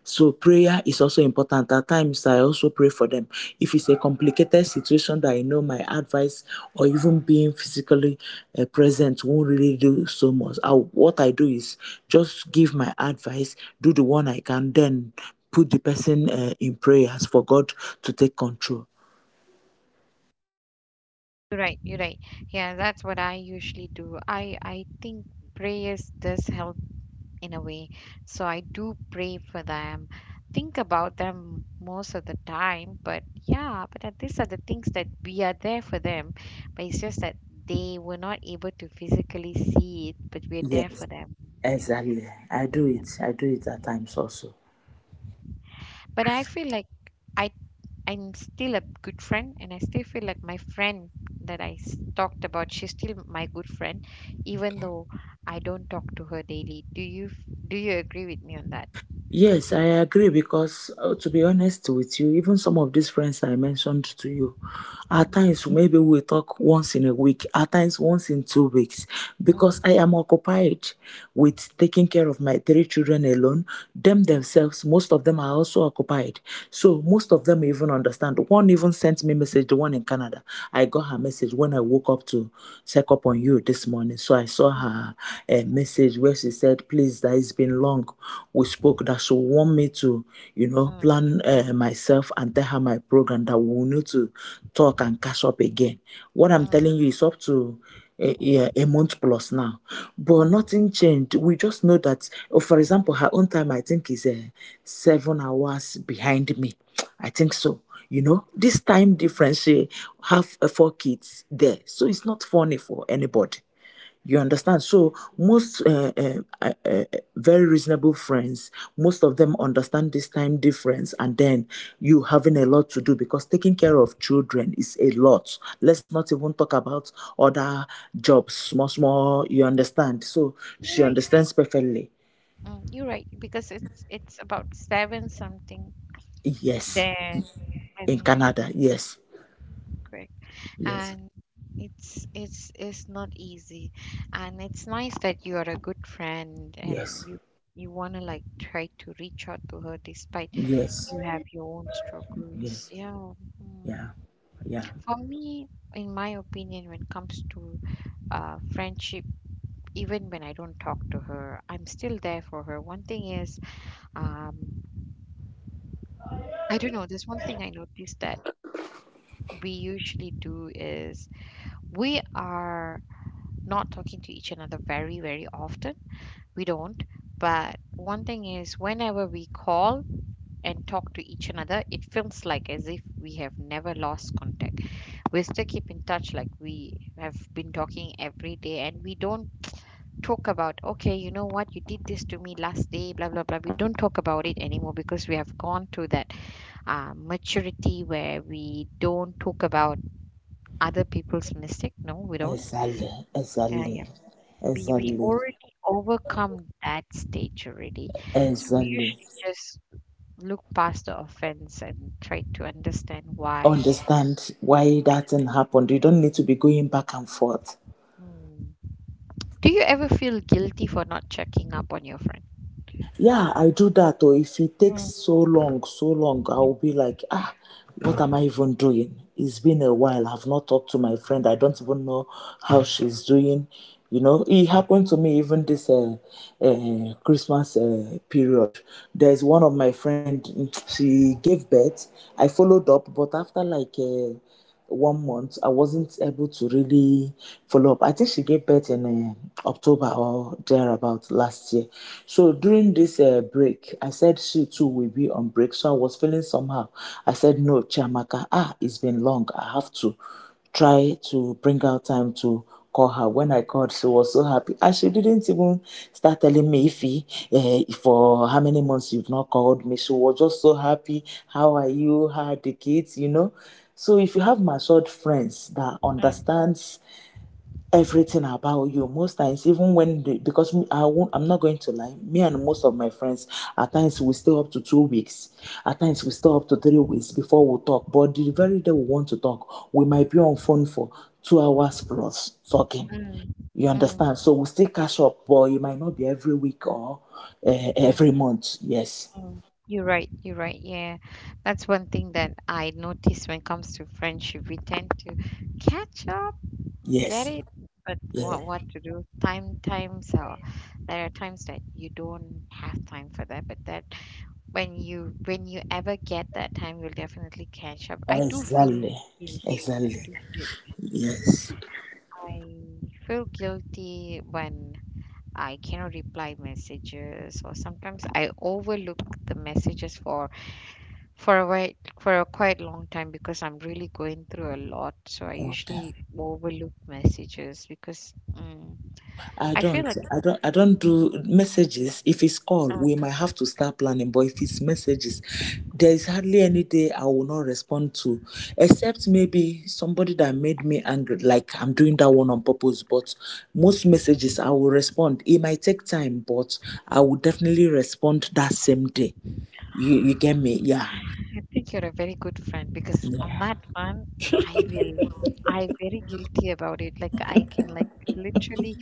So prayer is also important. At times I also pray for them. If it's a complicated situation that I know my advice or even being physically present won't really do so much, I, what I do is just give my advice, do the one I can, then put the person in prayers for God to take control. You're right, you're right. Yeah, that's what I usually do. I think prayers does help in a way. So I do pray for them, think about them most of the time. But yeah, but these are the things that we are there for them. But it's just that they were not able to physically see it, but we're there Yes, for them. Yeah. exactly. I do Yeah. it. I do it at times also. But I feel like I I'm still a good friend and I still feel like my friend that I talked about, she's still my good friend even though I don't talk to her daily. Do you agree with me on that? Yes, I agree because to be honest with you, even some of these friends I mentioned to you, at Mhm, times maybe we talk once in a week, at times once in 2 weeks, because mm, I am occupied with taking care of my three children alone. Themselves, most of them are also occupied. So most of them even understand. One even sent me message, the one in Canada. I got her message when I woke up to check up on you this morning. So I saw mm, her mhm, message where she said, please, that it's been long. We mm, spoke that she want me to, you mm, know, mm, plan myself and tell her my program that we need to talk and catch up again. What I'm mm, telling you is up to yeah, mm, a month plus now, but mm. nothing changed. We just know that, oh, for example, her own time I think is 7 hours behind me. I think so. You know, this time difference, she have four kids there, so it's not funny for anybody. You understand? So most uh, uh, very reasonable friends, most of them understand this time difference, and then you having a lot to do because taking care of children is a lot. Let's not even talk about other jobs, small, small. You understand? So she You're right. understands perfectly. You're right because it's about seven something. Yes, There. in um Canada. Yes, correct. yes, And it's not easy, and it's nice that you are a good friend and yes, you want to, like, try to reach out to her despite yes, you have your own struggles. yes. Yeah. Mm. Yeah, yeah. For me, in my opinion, when it comes to friendship, even when I don't talk to her, I'm still there for her. One thing is, um, I don't know, there's one thing I noticed that we usually do is we are not talking to each another very very often. We don't. But one thing is, whenever we call and talk to each another, it feels like as if we have never lost contact. We still keep in touch, like we have been talking every day, and we don't talk about, okay, you know what, you did this to me last day, blah, blah, blah. We don't talk about it anymore because we have gone to that maturity where we don't talk about other people's mistake. No, we don't. Exactly, Yeah. exactly, We exactly, already overcome that stage already, so we exactly. usually just look past the offense and try to understand why. Understand why that thing happened. You don't need to be going back and forth. Mm. Do you ever feel guilty for not checking up on your friend? Yeah, I do that. Or if it takes Mm, so long, so long, I mm, will be like, ah, what am I even doing? It's been a while. I've not talked to my friend. I don't even know how she's doing. You know, it happened to me even this Christmas period. There's one of my friend. She gave birth. I followed up, but after like. 1 month I wasn't able to really follow up. I think she gave birth in October or thereabout last year. So during this break, I said she too will be on break, so I was feeling somehow. I said, "No, Chiamaka, ah, it's been long, I have to try to bring out time to call her." When I called, she was so happy. And she didn't even start telling me if he, eh, for how many months you've not called me. She was just so happy. How are you? How are the kids? You know. So if you have matured friends that mm, understands everything about you most times, even when the, because I won't, I'm not going to lie, me and most of my friends, at times we stay up to 2 weeks, at times we stay up to 3 weeks before we'll talk. But the very day we want to talk, we might be on phone for 2 hours plus talking, mm, you mm, understand? So we'll still catch up, but it might not be every week or mm, every month. Yes, mm. You're right. You're right. Yeah, that's one thing that I notice when it comes to friendship. We tend to catch up, get yes, it, but yeah, what to do? Time, time. So there are times that you don't have time for that, but that when you ever get that time, you'll definitely catch up. I do feel exactly, guilty. I exactly, do feel, yes. I feel guilty when I cannot reply messages, or sometimes I overlook the messages for a while, for a quite long time because I'm really going through a lot. So I usually Okay. overlook messages because I I feel don't. like, I don't. I don't do messages. If it's call, Uh, we might have to start planning. But if it's messages, there is hardly any day I will not respond to, except maybe somebody that made me angry. Like I'm doing that one on purpose. But most messages I will respond. It might take time, but I will definitely respond that same day. You get me? Yeah. I think you're a very good friend because on Yeah. that one, I will, I'm very guilty about it. Like I can, like, literally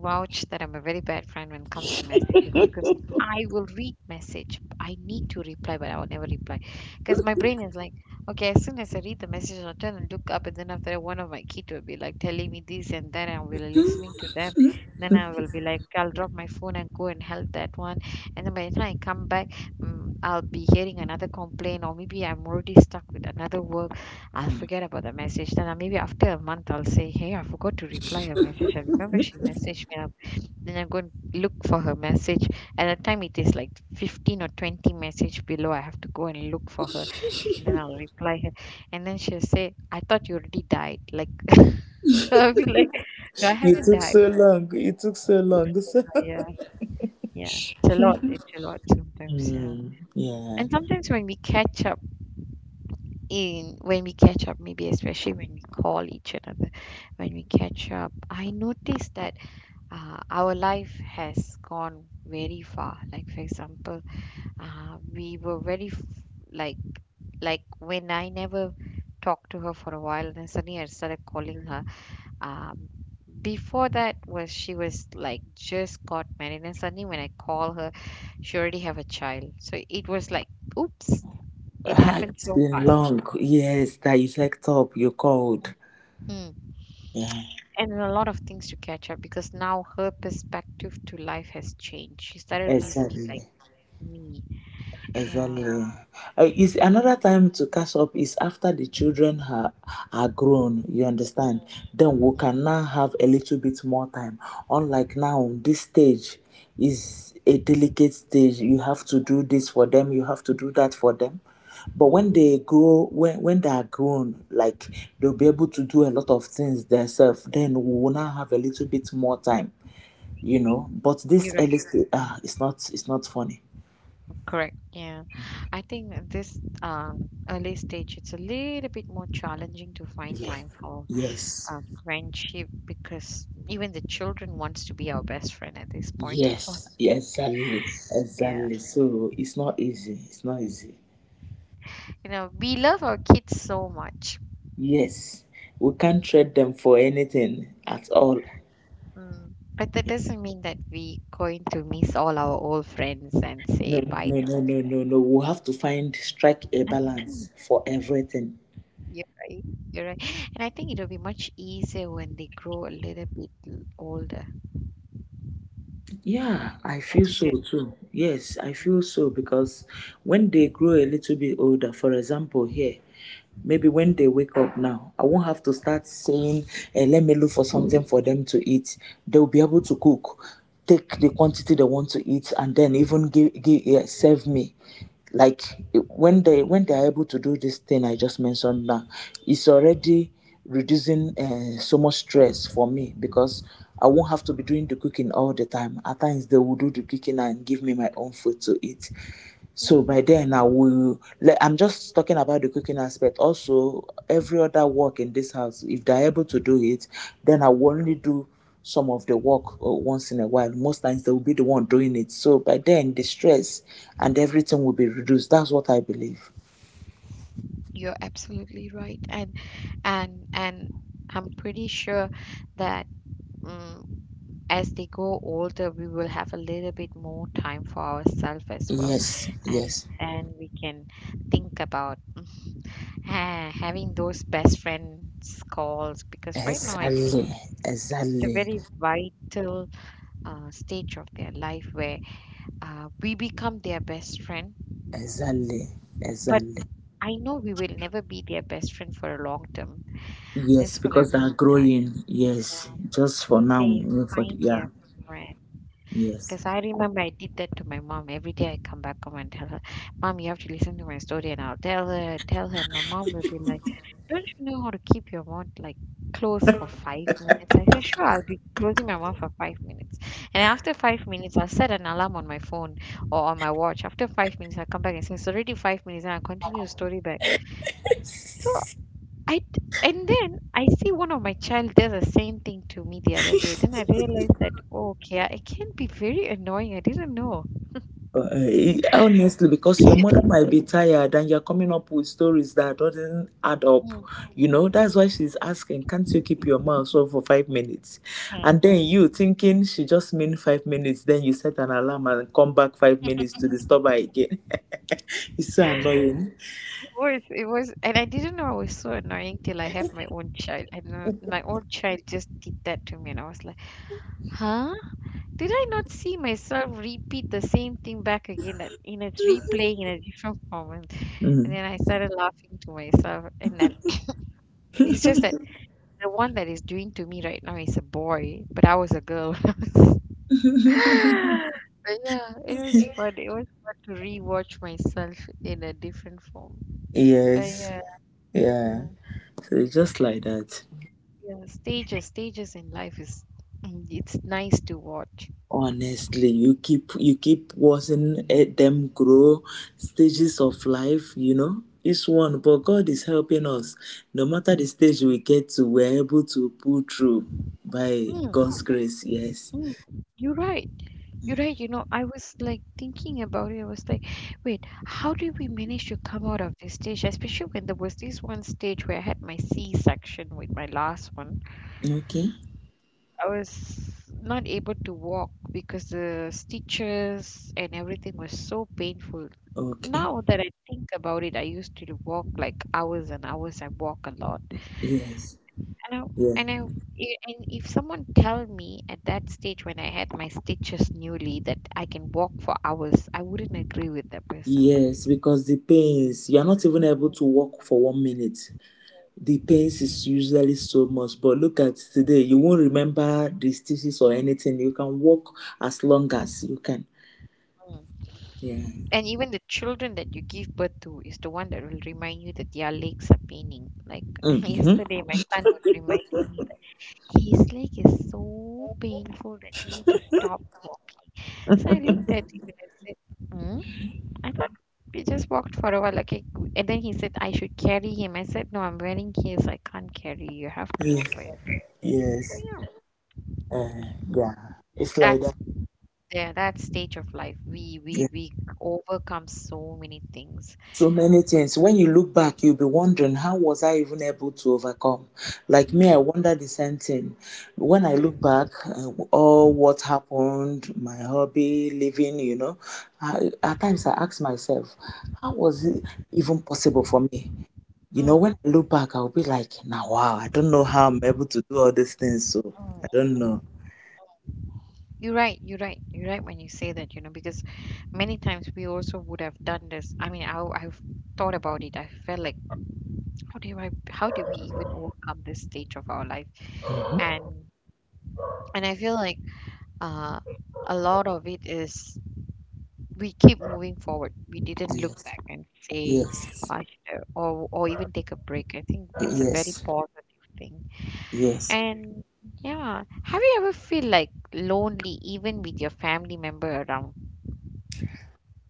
vouch that I'm a very bad friend when it comes to messages because I will read message. I need to reply, but I will never reply because my brain is like, okay, as soon as I read the message, I'll turn and look up, and then after that, one of my kids will be like telling me this and that, and I will be listening to them. Then I will be like, I'll drop my phone and go and help that one, and then by the time I come back, I'll be hearing another complaint, or maybe I'm already stuck with another work. I'll forget about the message. Then maybe after a month, I'll say, hey, I forgot to reply her message. I remember she messaged me. I Then I'm going to look for her message. At that time, it is like 15 or 20 message below. I have to go and look for her. Then I'll reply her. And then she'll say, I thought you already died. Like, I'll be like, no, I You haven't took died. so long. It took so But it's, long. So. yeah, yeah. It's a lot. It's a lot sometimes. Yeah. Mm, yeah. And sometimes when we catch up, maybe especially when we call each another, when we catch up, I notice that our life has gone very far. Like, for example, we were very f- like like when I never talked to her for a while, then suddenly I started calling her. um, Before that was, she was like just got married, and suddenly when I call her, she already have a child. So it was like, oops, it Ah, happened it's so been fast. long. Yes, that you checked up, you called. Hmm. Yeah, And a lot of things to catch up because now her perspective to life has changed. She started reasoning like exactly. me. Yeah. Exactly. Is another time to catch up is after the children are grown, you Mm, understand? Then we mm, can now have a little bit more time. Unlike now, this stage is a delicate stage. You have to do this for them, you have to do that for them. But mm. when they grow, when they are grown, like they'll be able to do a lot of things themselves, then we will now have a little bit more time, you know? But You're this right. early stage, it's not funny. Correct. Yeah. I think that this early stage, it's a little bit more challenging to find Yeah. time for Yes. Friendship because even the children wants to be our best friend at this point of our life. Yes, yeah, exactly, Yeah. exactly. So it's not easy. It's not easy. You know, we love our kids so much. Yes, we can't trade them for anything at all. Mm. But that doesn't mean that we going to miss all our old friends and No, say no, bye no, no, to. no, no, no. We have to find strike a Mhm. balance for everything. You're right. You're right. And I think it'll be much easier when they grow a little bit older. Yeah, I feel As you so said. too. Yes, Mm. I feel so because when they grow a little bit older, for example, here, maybe when they wake up now, I won't have to start saying, eh, let me look for something for them to eat. They'll be able to cook, take the quantity they want to eat, and then even give eh, serve me. Like eh, when they are able to do this thing I just mentioned now, it's already reducing so much stress for me because I won't have to be doing the cooking all the time. At times, they will do the cooking and give me my own food to eat. So by then, I Mm. will. Like, I'm just talking about the cooking aspect. Also, every other work in this house, if they're able to do it, then I will only do some of the work once in a while. Most times, they will be the one doing it. So by then, the stress and everything will be reduced. That's what I believe. You're absolutely right. And and I'm pretty sure that mm as they grow older, we will have a little bit more time for ourselves as well, Yes, and yes, and we can think about Ha having those best friends calls because right now I think exactly, it's a exactly. very vital stage of their life where we become their best friend. Exactly, But exactly. I know we will never be their best friend for a long term, Yes, just for a because they are meantime. growing. Yes, Yeah, just for till now, they mm, for the, find their yeah, friend. yes. Because I remember I did that to my mom. Every day I come back home and tell her, mom, you have to listen to my story. And I'll tell her, tell her. And my mom will be like, don't you know how to keep your mouth like closed for 5 minutes? I say, sure, I'll be closing my mouth for 5 minutes. And after 5 minutes, I'll set an alarm on my phone or on my watch. After 5 minutes, I'll come back and say, it's already 5 minutes. And I'll continue the story back. So and then I see one of my child does the same thing to me the other day. Then I realized that, oh, okay, it can be very annoying. I didn't know. Honestly, because your mother Mm, might be tired and you're coming up with stories that doesn't add up, you know. That's why she's asking, "Can't you keep your mouth shut for 5 minutes?" mm. And then you thinking she just mean 5 minutes, then you set an alarm and come back 5 minutes to disturb her again. It's so annoying. It was, and I didn't know I was so annoying till I have my own child. I don't know my own child just did that to me, and I was like, huh? Did I not see myself repeat the same thing back again that in its replaying in a different format? And Mm. then I started laughing to myself, and then it's just that the one that is doing to me right now is a boy, but I was a girl. But yeah, it was fun. It was fun to rewatch myself in a different form. But Yes. yeah. Yeah, Yeah. so it's just like that. Yeah, stages, stages in life is it's nice to watch. Honestly, you keep watching eh, them grow stages of life. You know, each one, but God is helping us. No matter the stage we get to, we're able to pull through by Mm, God's grace. Yes. mm. You're right. You're right. You know, I was like thinking about it. I was like, wait, how did we manage to come out of this stage? Especially when there was this one stage where I had my C-section with my last one. Okay. I was not able to walk because the stitches and everything was so painful. Okay. Now that I think about it, I used to walk like hours and hours. I walk a lot. Yes. I know, Yeah. I know. And if someone tell me at that stage when I had my stitches newly that I can walk for hours, I wouldn't agree with that person. Yes, because the pains you are not even able Mm, to walk for 1 minute. The pains mm, is usually so much, but look at today, you won't remember the stitches or anything. You can walk as long as you can. mm. Yeah. And even the children that you give birth to is the one that will remind you that their legs are paining. Like Mm-hmm. yesterday, my son was reminding me that his leg is so painful that he need to stop walking. So I looked at him and I said, "Hmm? I thought we just walked for a while. Like, and then he said I should carry him. I said, no, I'm wearing heels. I can't carry. You have to walk Yes, by it. yes, So yeah, uh, yeah, it's like that's, that. yeah, that stage of life. We we Yeah. we overcome so many things. So many things. When you look back, you'll be wondering, how was I even able to overcome? Like me, Mm, I wonder the same thing. When I look back, all what happened, my hobby, living, you know, I, at times I ask myself, how was it even possible for me? You know, mm, when I look back, I'll be like, now, wow, I don't know how I'm able to do all these things. So mm, I don't mm. know. You're right. You're right. You're right when you say that. You know, because many times we also would have done this. I mean, I I've thought about it. I felt like, how do we even overcome this stage of our life? And and I feel like uh, a lot of it is, we keep moving forward. We didn't look Yes, back and say, yes, I should, or even take a break. I think it's a very yes, positive thing. yes. And yeah, have you ever feel like lonely even with your family member around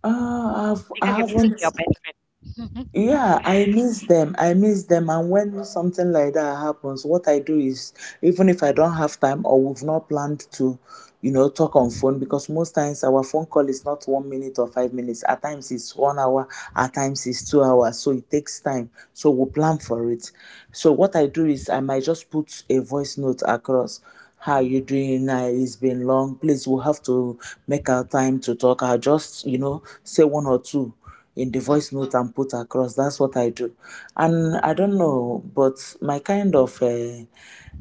Because I you're missing haven't. your best friend? Yeah, I miss them. I miss them. And when something like that happens, what I do is, even if I don't have time or we've not planned to, you know, talk on phone, because most times our phone call is not 1 minute or 5 minutes. At times it's 1 hour, at times it's 2 hours. So it takes time. So we plan for it. So what I do is, I might just put a voice note across. How you doing? It's been long. Please, we'll have to make our time to talk. I'll just, you know, say one or two in the Mm, voice note and put across. That's what I do. And mm, I don't know, but my kind of uh,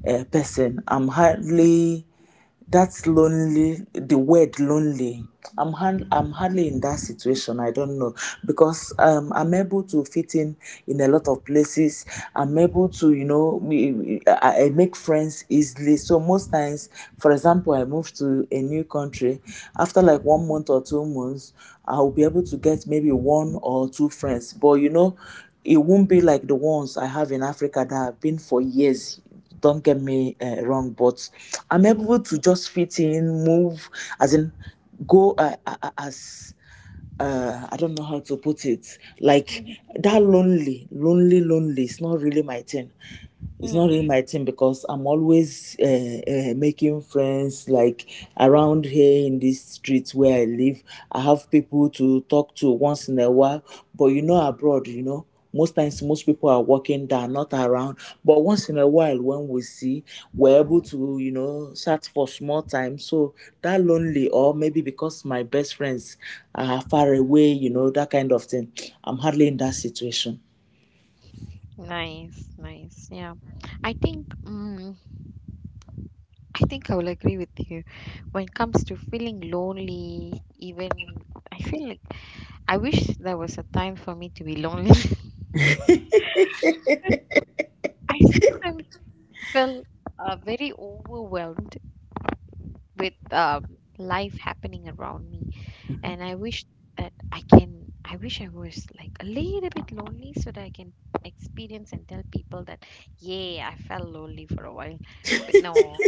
uh, person, I'm hardly that's lonely, the word lonely. Mm, I'm hardly in that situation. I don't know because I'm able to fit in a lot of places. I'm able to, you know, I make friends easily. So most times, for example, I move to a new country. After mm, like mhm, 1 month or 2 months, I'll be able to get maybe one or two friends. But you know, it won't be like the ones I have in Africa that have been for years. Don't get me wrong, but I'm mhm, able to just fit in, move, as in go as I don't know how to put it. Like mhm, that lonely, lonely, lonely. It's not really my thing it's mm, not really my thing because I'm always making friends like around here in this street where I live. I have people to talk to once in a while, but you know, abroad, you know, most times most people are working, they are not around. But once in a while, when we see, we're able mhm. to, you know, chat for small time. So that lonely, or maybe because my best friends are far away, you know, that kind of thing. I'm hardly in that situation. Nice, nice. Yeah, I think, I think I will agree with you. When it comes to feeling lonely, even I feel like I wish there was a time for me to be lonely. I sometimes feel very overwhelmed with life happening around me, and I wish that I can. I wish I was like a little bit lonely so that I can experience and tell people that, yeah, I felt lonely for a while. But no,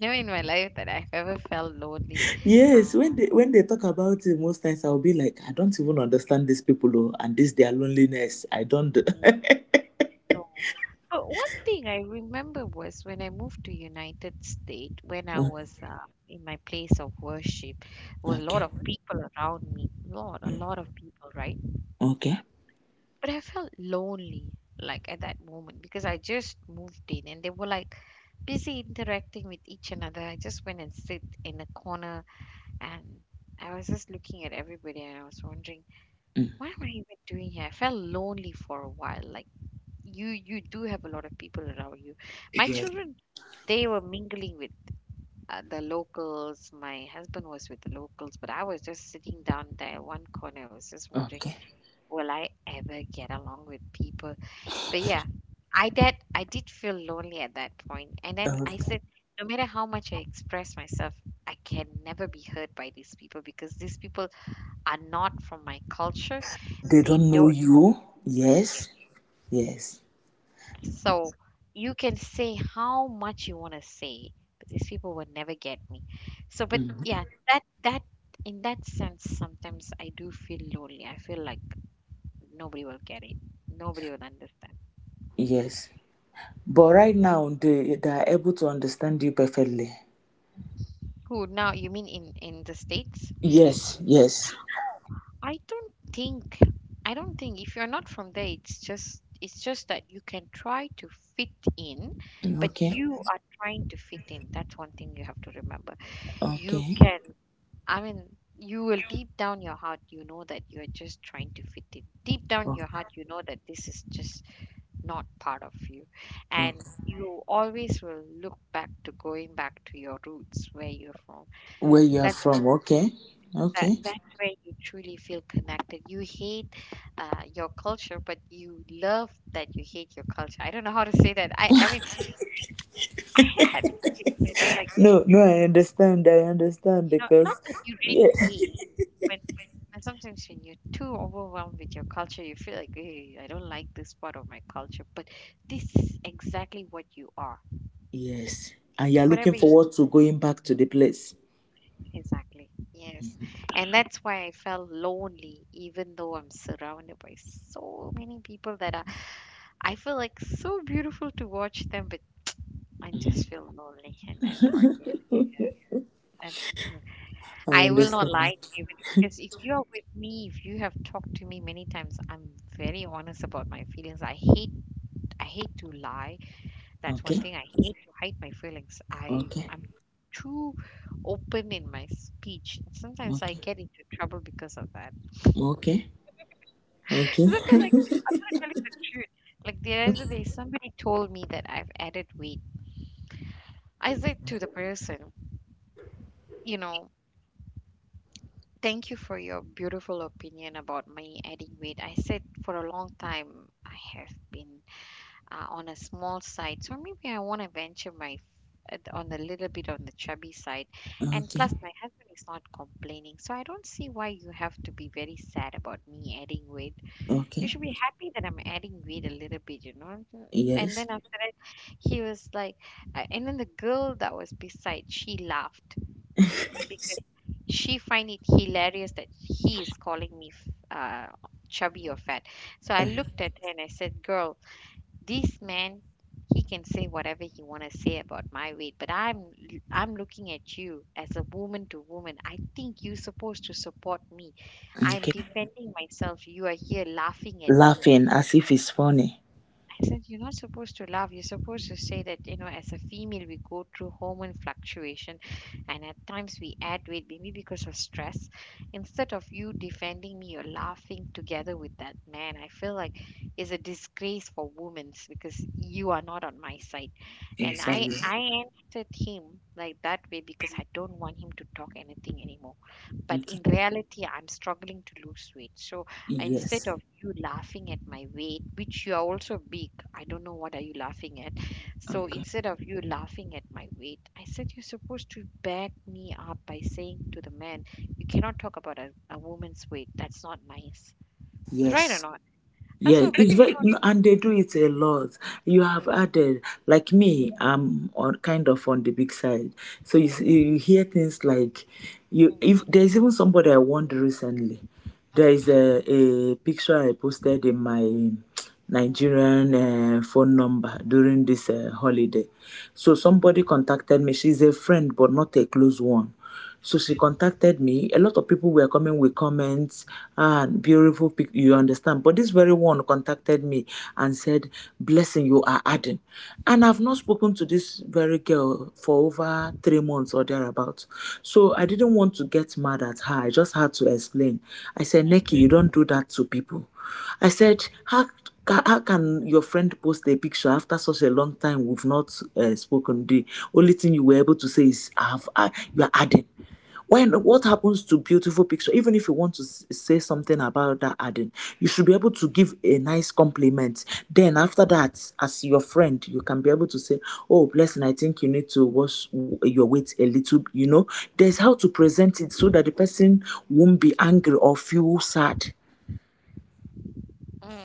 never in my life that I've ever felt lonely. Yes, when Um, they when they talk about it, most times I'll be like, I don't even understand these people oh, and this their loneliness. I don't. No. But one thing I remember was when I moved to United States, when I Uh, was in my place of worship, there was a lot okay, of people around me, lot, a lot of people, right? okay, But I felt lonely, like at that moment, because I just moved in and they were like busy interacting with each another. I just went and sit in a corner and I was just looking at everybody and I was wondering, what mm, am I even doing here? I felt lonely for a while, like you do have a lot of people around you. My yes, children, they were mingling with the locals. My husband was with the locals, but I was just sitting down there in one corner. I was just wondering, okay. will I ever get along with people? But yeah, I did feel lonely at that point, and then Uh, I said, no matter how much I express myself, I can never be heard by these people, because these people are not from my culture. they They don't know don't. you. Yes, yes, So you can say how much you want to say, but these people would never get me. So, but mm, yeah, that, in that sense, sometimes I do feel lonely. I feel like nobody will get it. Nobody will understand. yes. But right now, they are able to understand you perfectly. Who now? You mean in the States? Yes, yes. Oh, I don't think. I don't think if you're not from there, it's just that you can try to fit in, Mm, but okay, you are trying to fit in. That's one thing you have to remember. You okay, can, I mean, you will, deep down your heart, you know that you're just trying to fit in. Deep down your okay, heart, you know that this is just not part of you. And okay. you always will look back to going back to your roots where you're from. Where you are That's what, from? Okay, that, okay. that's where you truly feel connected. You hate your culture, but you love that you hate your culture. I don't know how to say that. I mean, I have that feeling, you know, like, No, no, I understand. I understand you know, because, not that you yeah. really hate. But. And sometimes when you're too overwhelmed with your culture, you feel like, hey, I don't like this part of my culture. But this is exactly what you are. Yes. And you are looking Whatever you, forward to going back to the place. exactly. Yes. And that's why I felt lonely, even though I'm surrounded by so many people that are, I feel like so beautiful to watch them, but I just Mhm. feel lonely in that part. Yeah. Yeah. That's something I I will not understand. lie to you but- because if you are with me, if you have talked to me many times, I'm very honest about my feelings. I hate to lie. That's one Okay. thing. I hate to hide my feelings. I Okay. I'm too open in my speech. Sometimes I Okay. get into trouble because of that. Okay. Okay. Because I feel like I'm gonna tell you the truth. Like the other day, somebody told me that I've added weight. I said to the person, you know, thank you for your beautiful opinion about me adding weight. I said, for a long time I have been on a small side. So maybe I want to venture my f- at- on a little bit on the chubby side. And Okay. plus, my husband is not complaining, so I don't see why you have to be very sad about me adding weight. You Okay. should be happy that I'm adding weight a little bit, you know. And Yes. then after that, he was like, and then the girl that was beside, she laughed because she find it hilarious that he is calling me f- uh, chubby or fat. So I Uh, looked at her and I said, "Girl." This man, he can say whatever he want to say about my weight, but I'm looking at you as a woman to woman. I think you're supposed to support me. I'm Okay. defending myself, you are here laughing at me. Laughing as if it's funny. I said, you're not supposed to laugh. You're supposed to say that, you know, as a female, we go through hormone fluctuation, and at times we add weight, maybe because of stress. Instead of you defending me, you're laughing together with that man. I feel like it's a disgrace for women because you are not on my side. And Yes. I I, will. I answered him like that way because I don't want him to talk anything anymore. But Okay. in reality, I'm struggling to lose weight. So instead Yes. of you laughing at my weight, which you are also big, I don't know what are you laughing at. So Okay. instead of you laughing at my weight, I said you're supposed to back me up by saying to the man, you cannot talk about a woman's weight, that's not nice, right or Yes. not? Yeah, Also, but it's you very, no, and they do it a lot. You have know. added, like me, I'm on kind of on the big side. So you, you hear things like, Mm, mm, you mm, if there's even somebody I warned recently. There is a picture I posted in my mm, Nigerian phone number during this holiday. So somebody contacted me. She's a friend, but not a close one. So she contacted me. A lot of people were coming with comments and beautiful you understand. But this very one contacted me and said, Blessing, you are adding. And I've not spoken to this very girl for over 3 months or thereabouts. So I didn't want to get mad at her. I just had to explain. I said, Neki, mm, you don't do that to people. I said, How can your friend post a picture after such a long time we've not spoken? The only thing you were able to say is, "I have, I, you are adding." When what happens to beautiful picture? Even if you want to say something about that adding, you should be able to give a nice compliment. Then after that, as your friend, you can be able to say, "Oh, blessing, I think you need to wash your weight a little." You know, there's how to present it so that the person won't be angry or feel sad. mm, mm.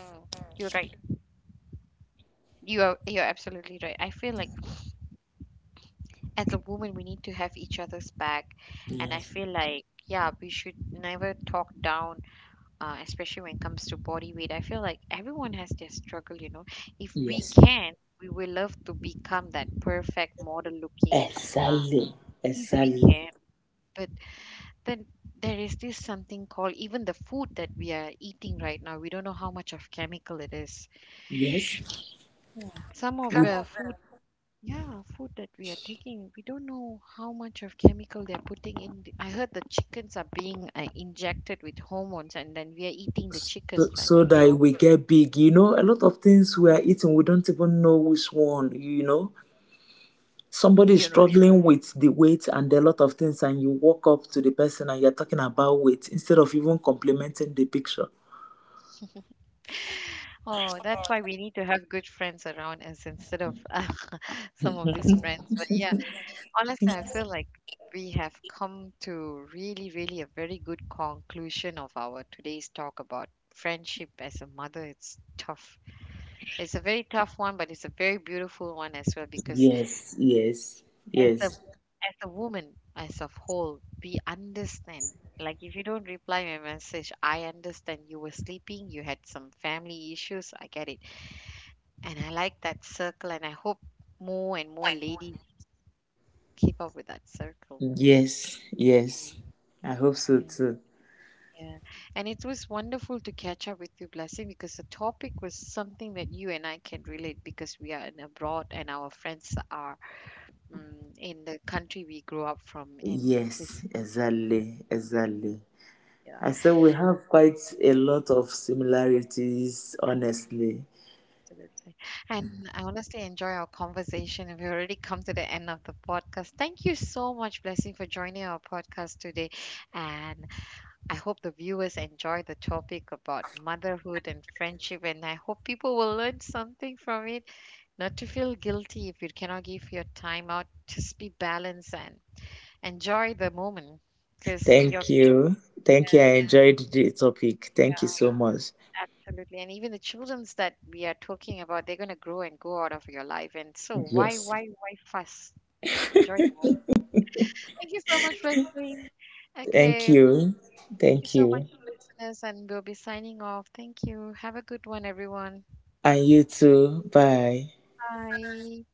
You're right. You are, you're absolutely right. I feel like as a woman, we need to have each other's back. And I feel like, yeah, we should never talk down, especially when it comes to body weight. I feel like everyone has their struggle, you know. If we Yes. can, we will love to become that perfect model looking, uh, Exactly, if we exactly. can. But then there is this something called, even the food that we are eating right now, we don't know how much of chemical it is. Yes. Hmm. Some of the food, yeah, food that we are taking, we don't know how much of chemical they're putting in. I heard the chickens are being injected with hormones, and then we are eating the So, chickens, and so we that all, we get big. You know, a lot of things we are eating, we don't even know which one, you know. Somebody is you know. struggling with the weight and a lot of things, and you walk up to the person and you're talking about weight instead of even complimenting the picture. Oh, that's why we need to have good friends around us instead of some of these friends. But yeah, honestly, I feel like we have come to really, really a very good conclusion of our today's talk about friendship as a mother. It's tough. It's a very tough one, but it's a very beautiful one as well because Yes, yes, as a, yes, as a woman as a whole, we understand. Like if you don't reply my message, I understand you were sleeping, you had some family issues, I get it. And I like that circle, and I hope more and more ladies keep up with that circle. yes, yes. Mm. I hope so Yeah. too. Yeah. And it was wonderful to catch up with you, Blessing, because the topic was something that you and I can relate, because we are in abroad and our friends are in the country we grew up from in this. Yes, Yeah, exactly, exactly. yeah, I say we have quite a lot of similarities, honestly. absolutely. And I honestly enjoy our conversation. And we've already come to the end of the podcast. Thank you so much, Blessing, for joining our podcast today. And I hope the viewers enjoy the topic about motherhood and friendship, and I hope people will learn something from it. Not to feel guilty if you cannot give your time out, just be balanced and enjoy the moment because you're Thank you. Thank you. gonna, I enjoyed the topic. Thank you yeah, so much. absolutely. And even the children's that we are talking about, they're going to grow and go out of your life. And so, Yes. Why fuss? Enjoy the moment. Thank you so much for listening. Thank Okay. Thank you. you Thank so much, you. listeners, and we'll be signing off. Thank you. Have a good one, everyone. And you too. Bye. Bye.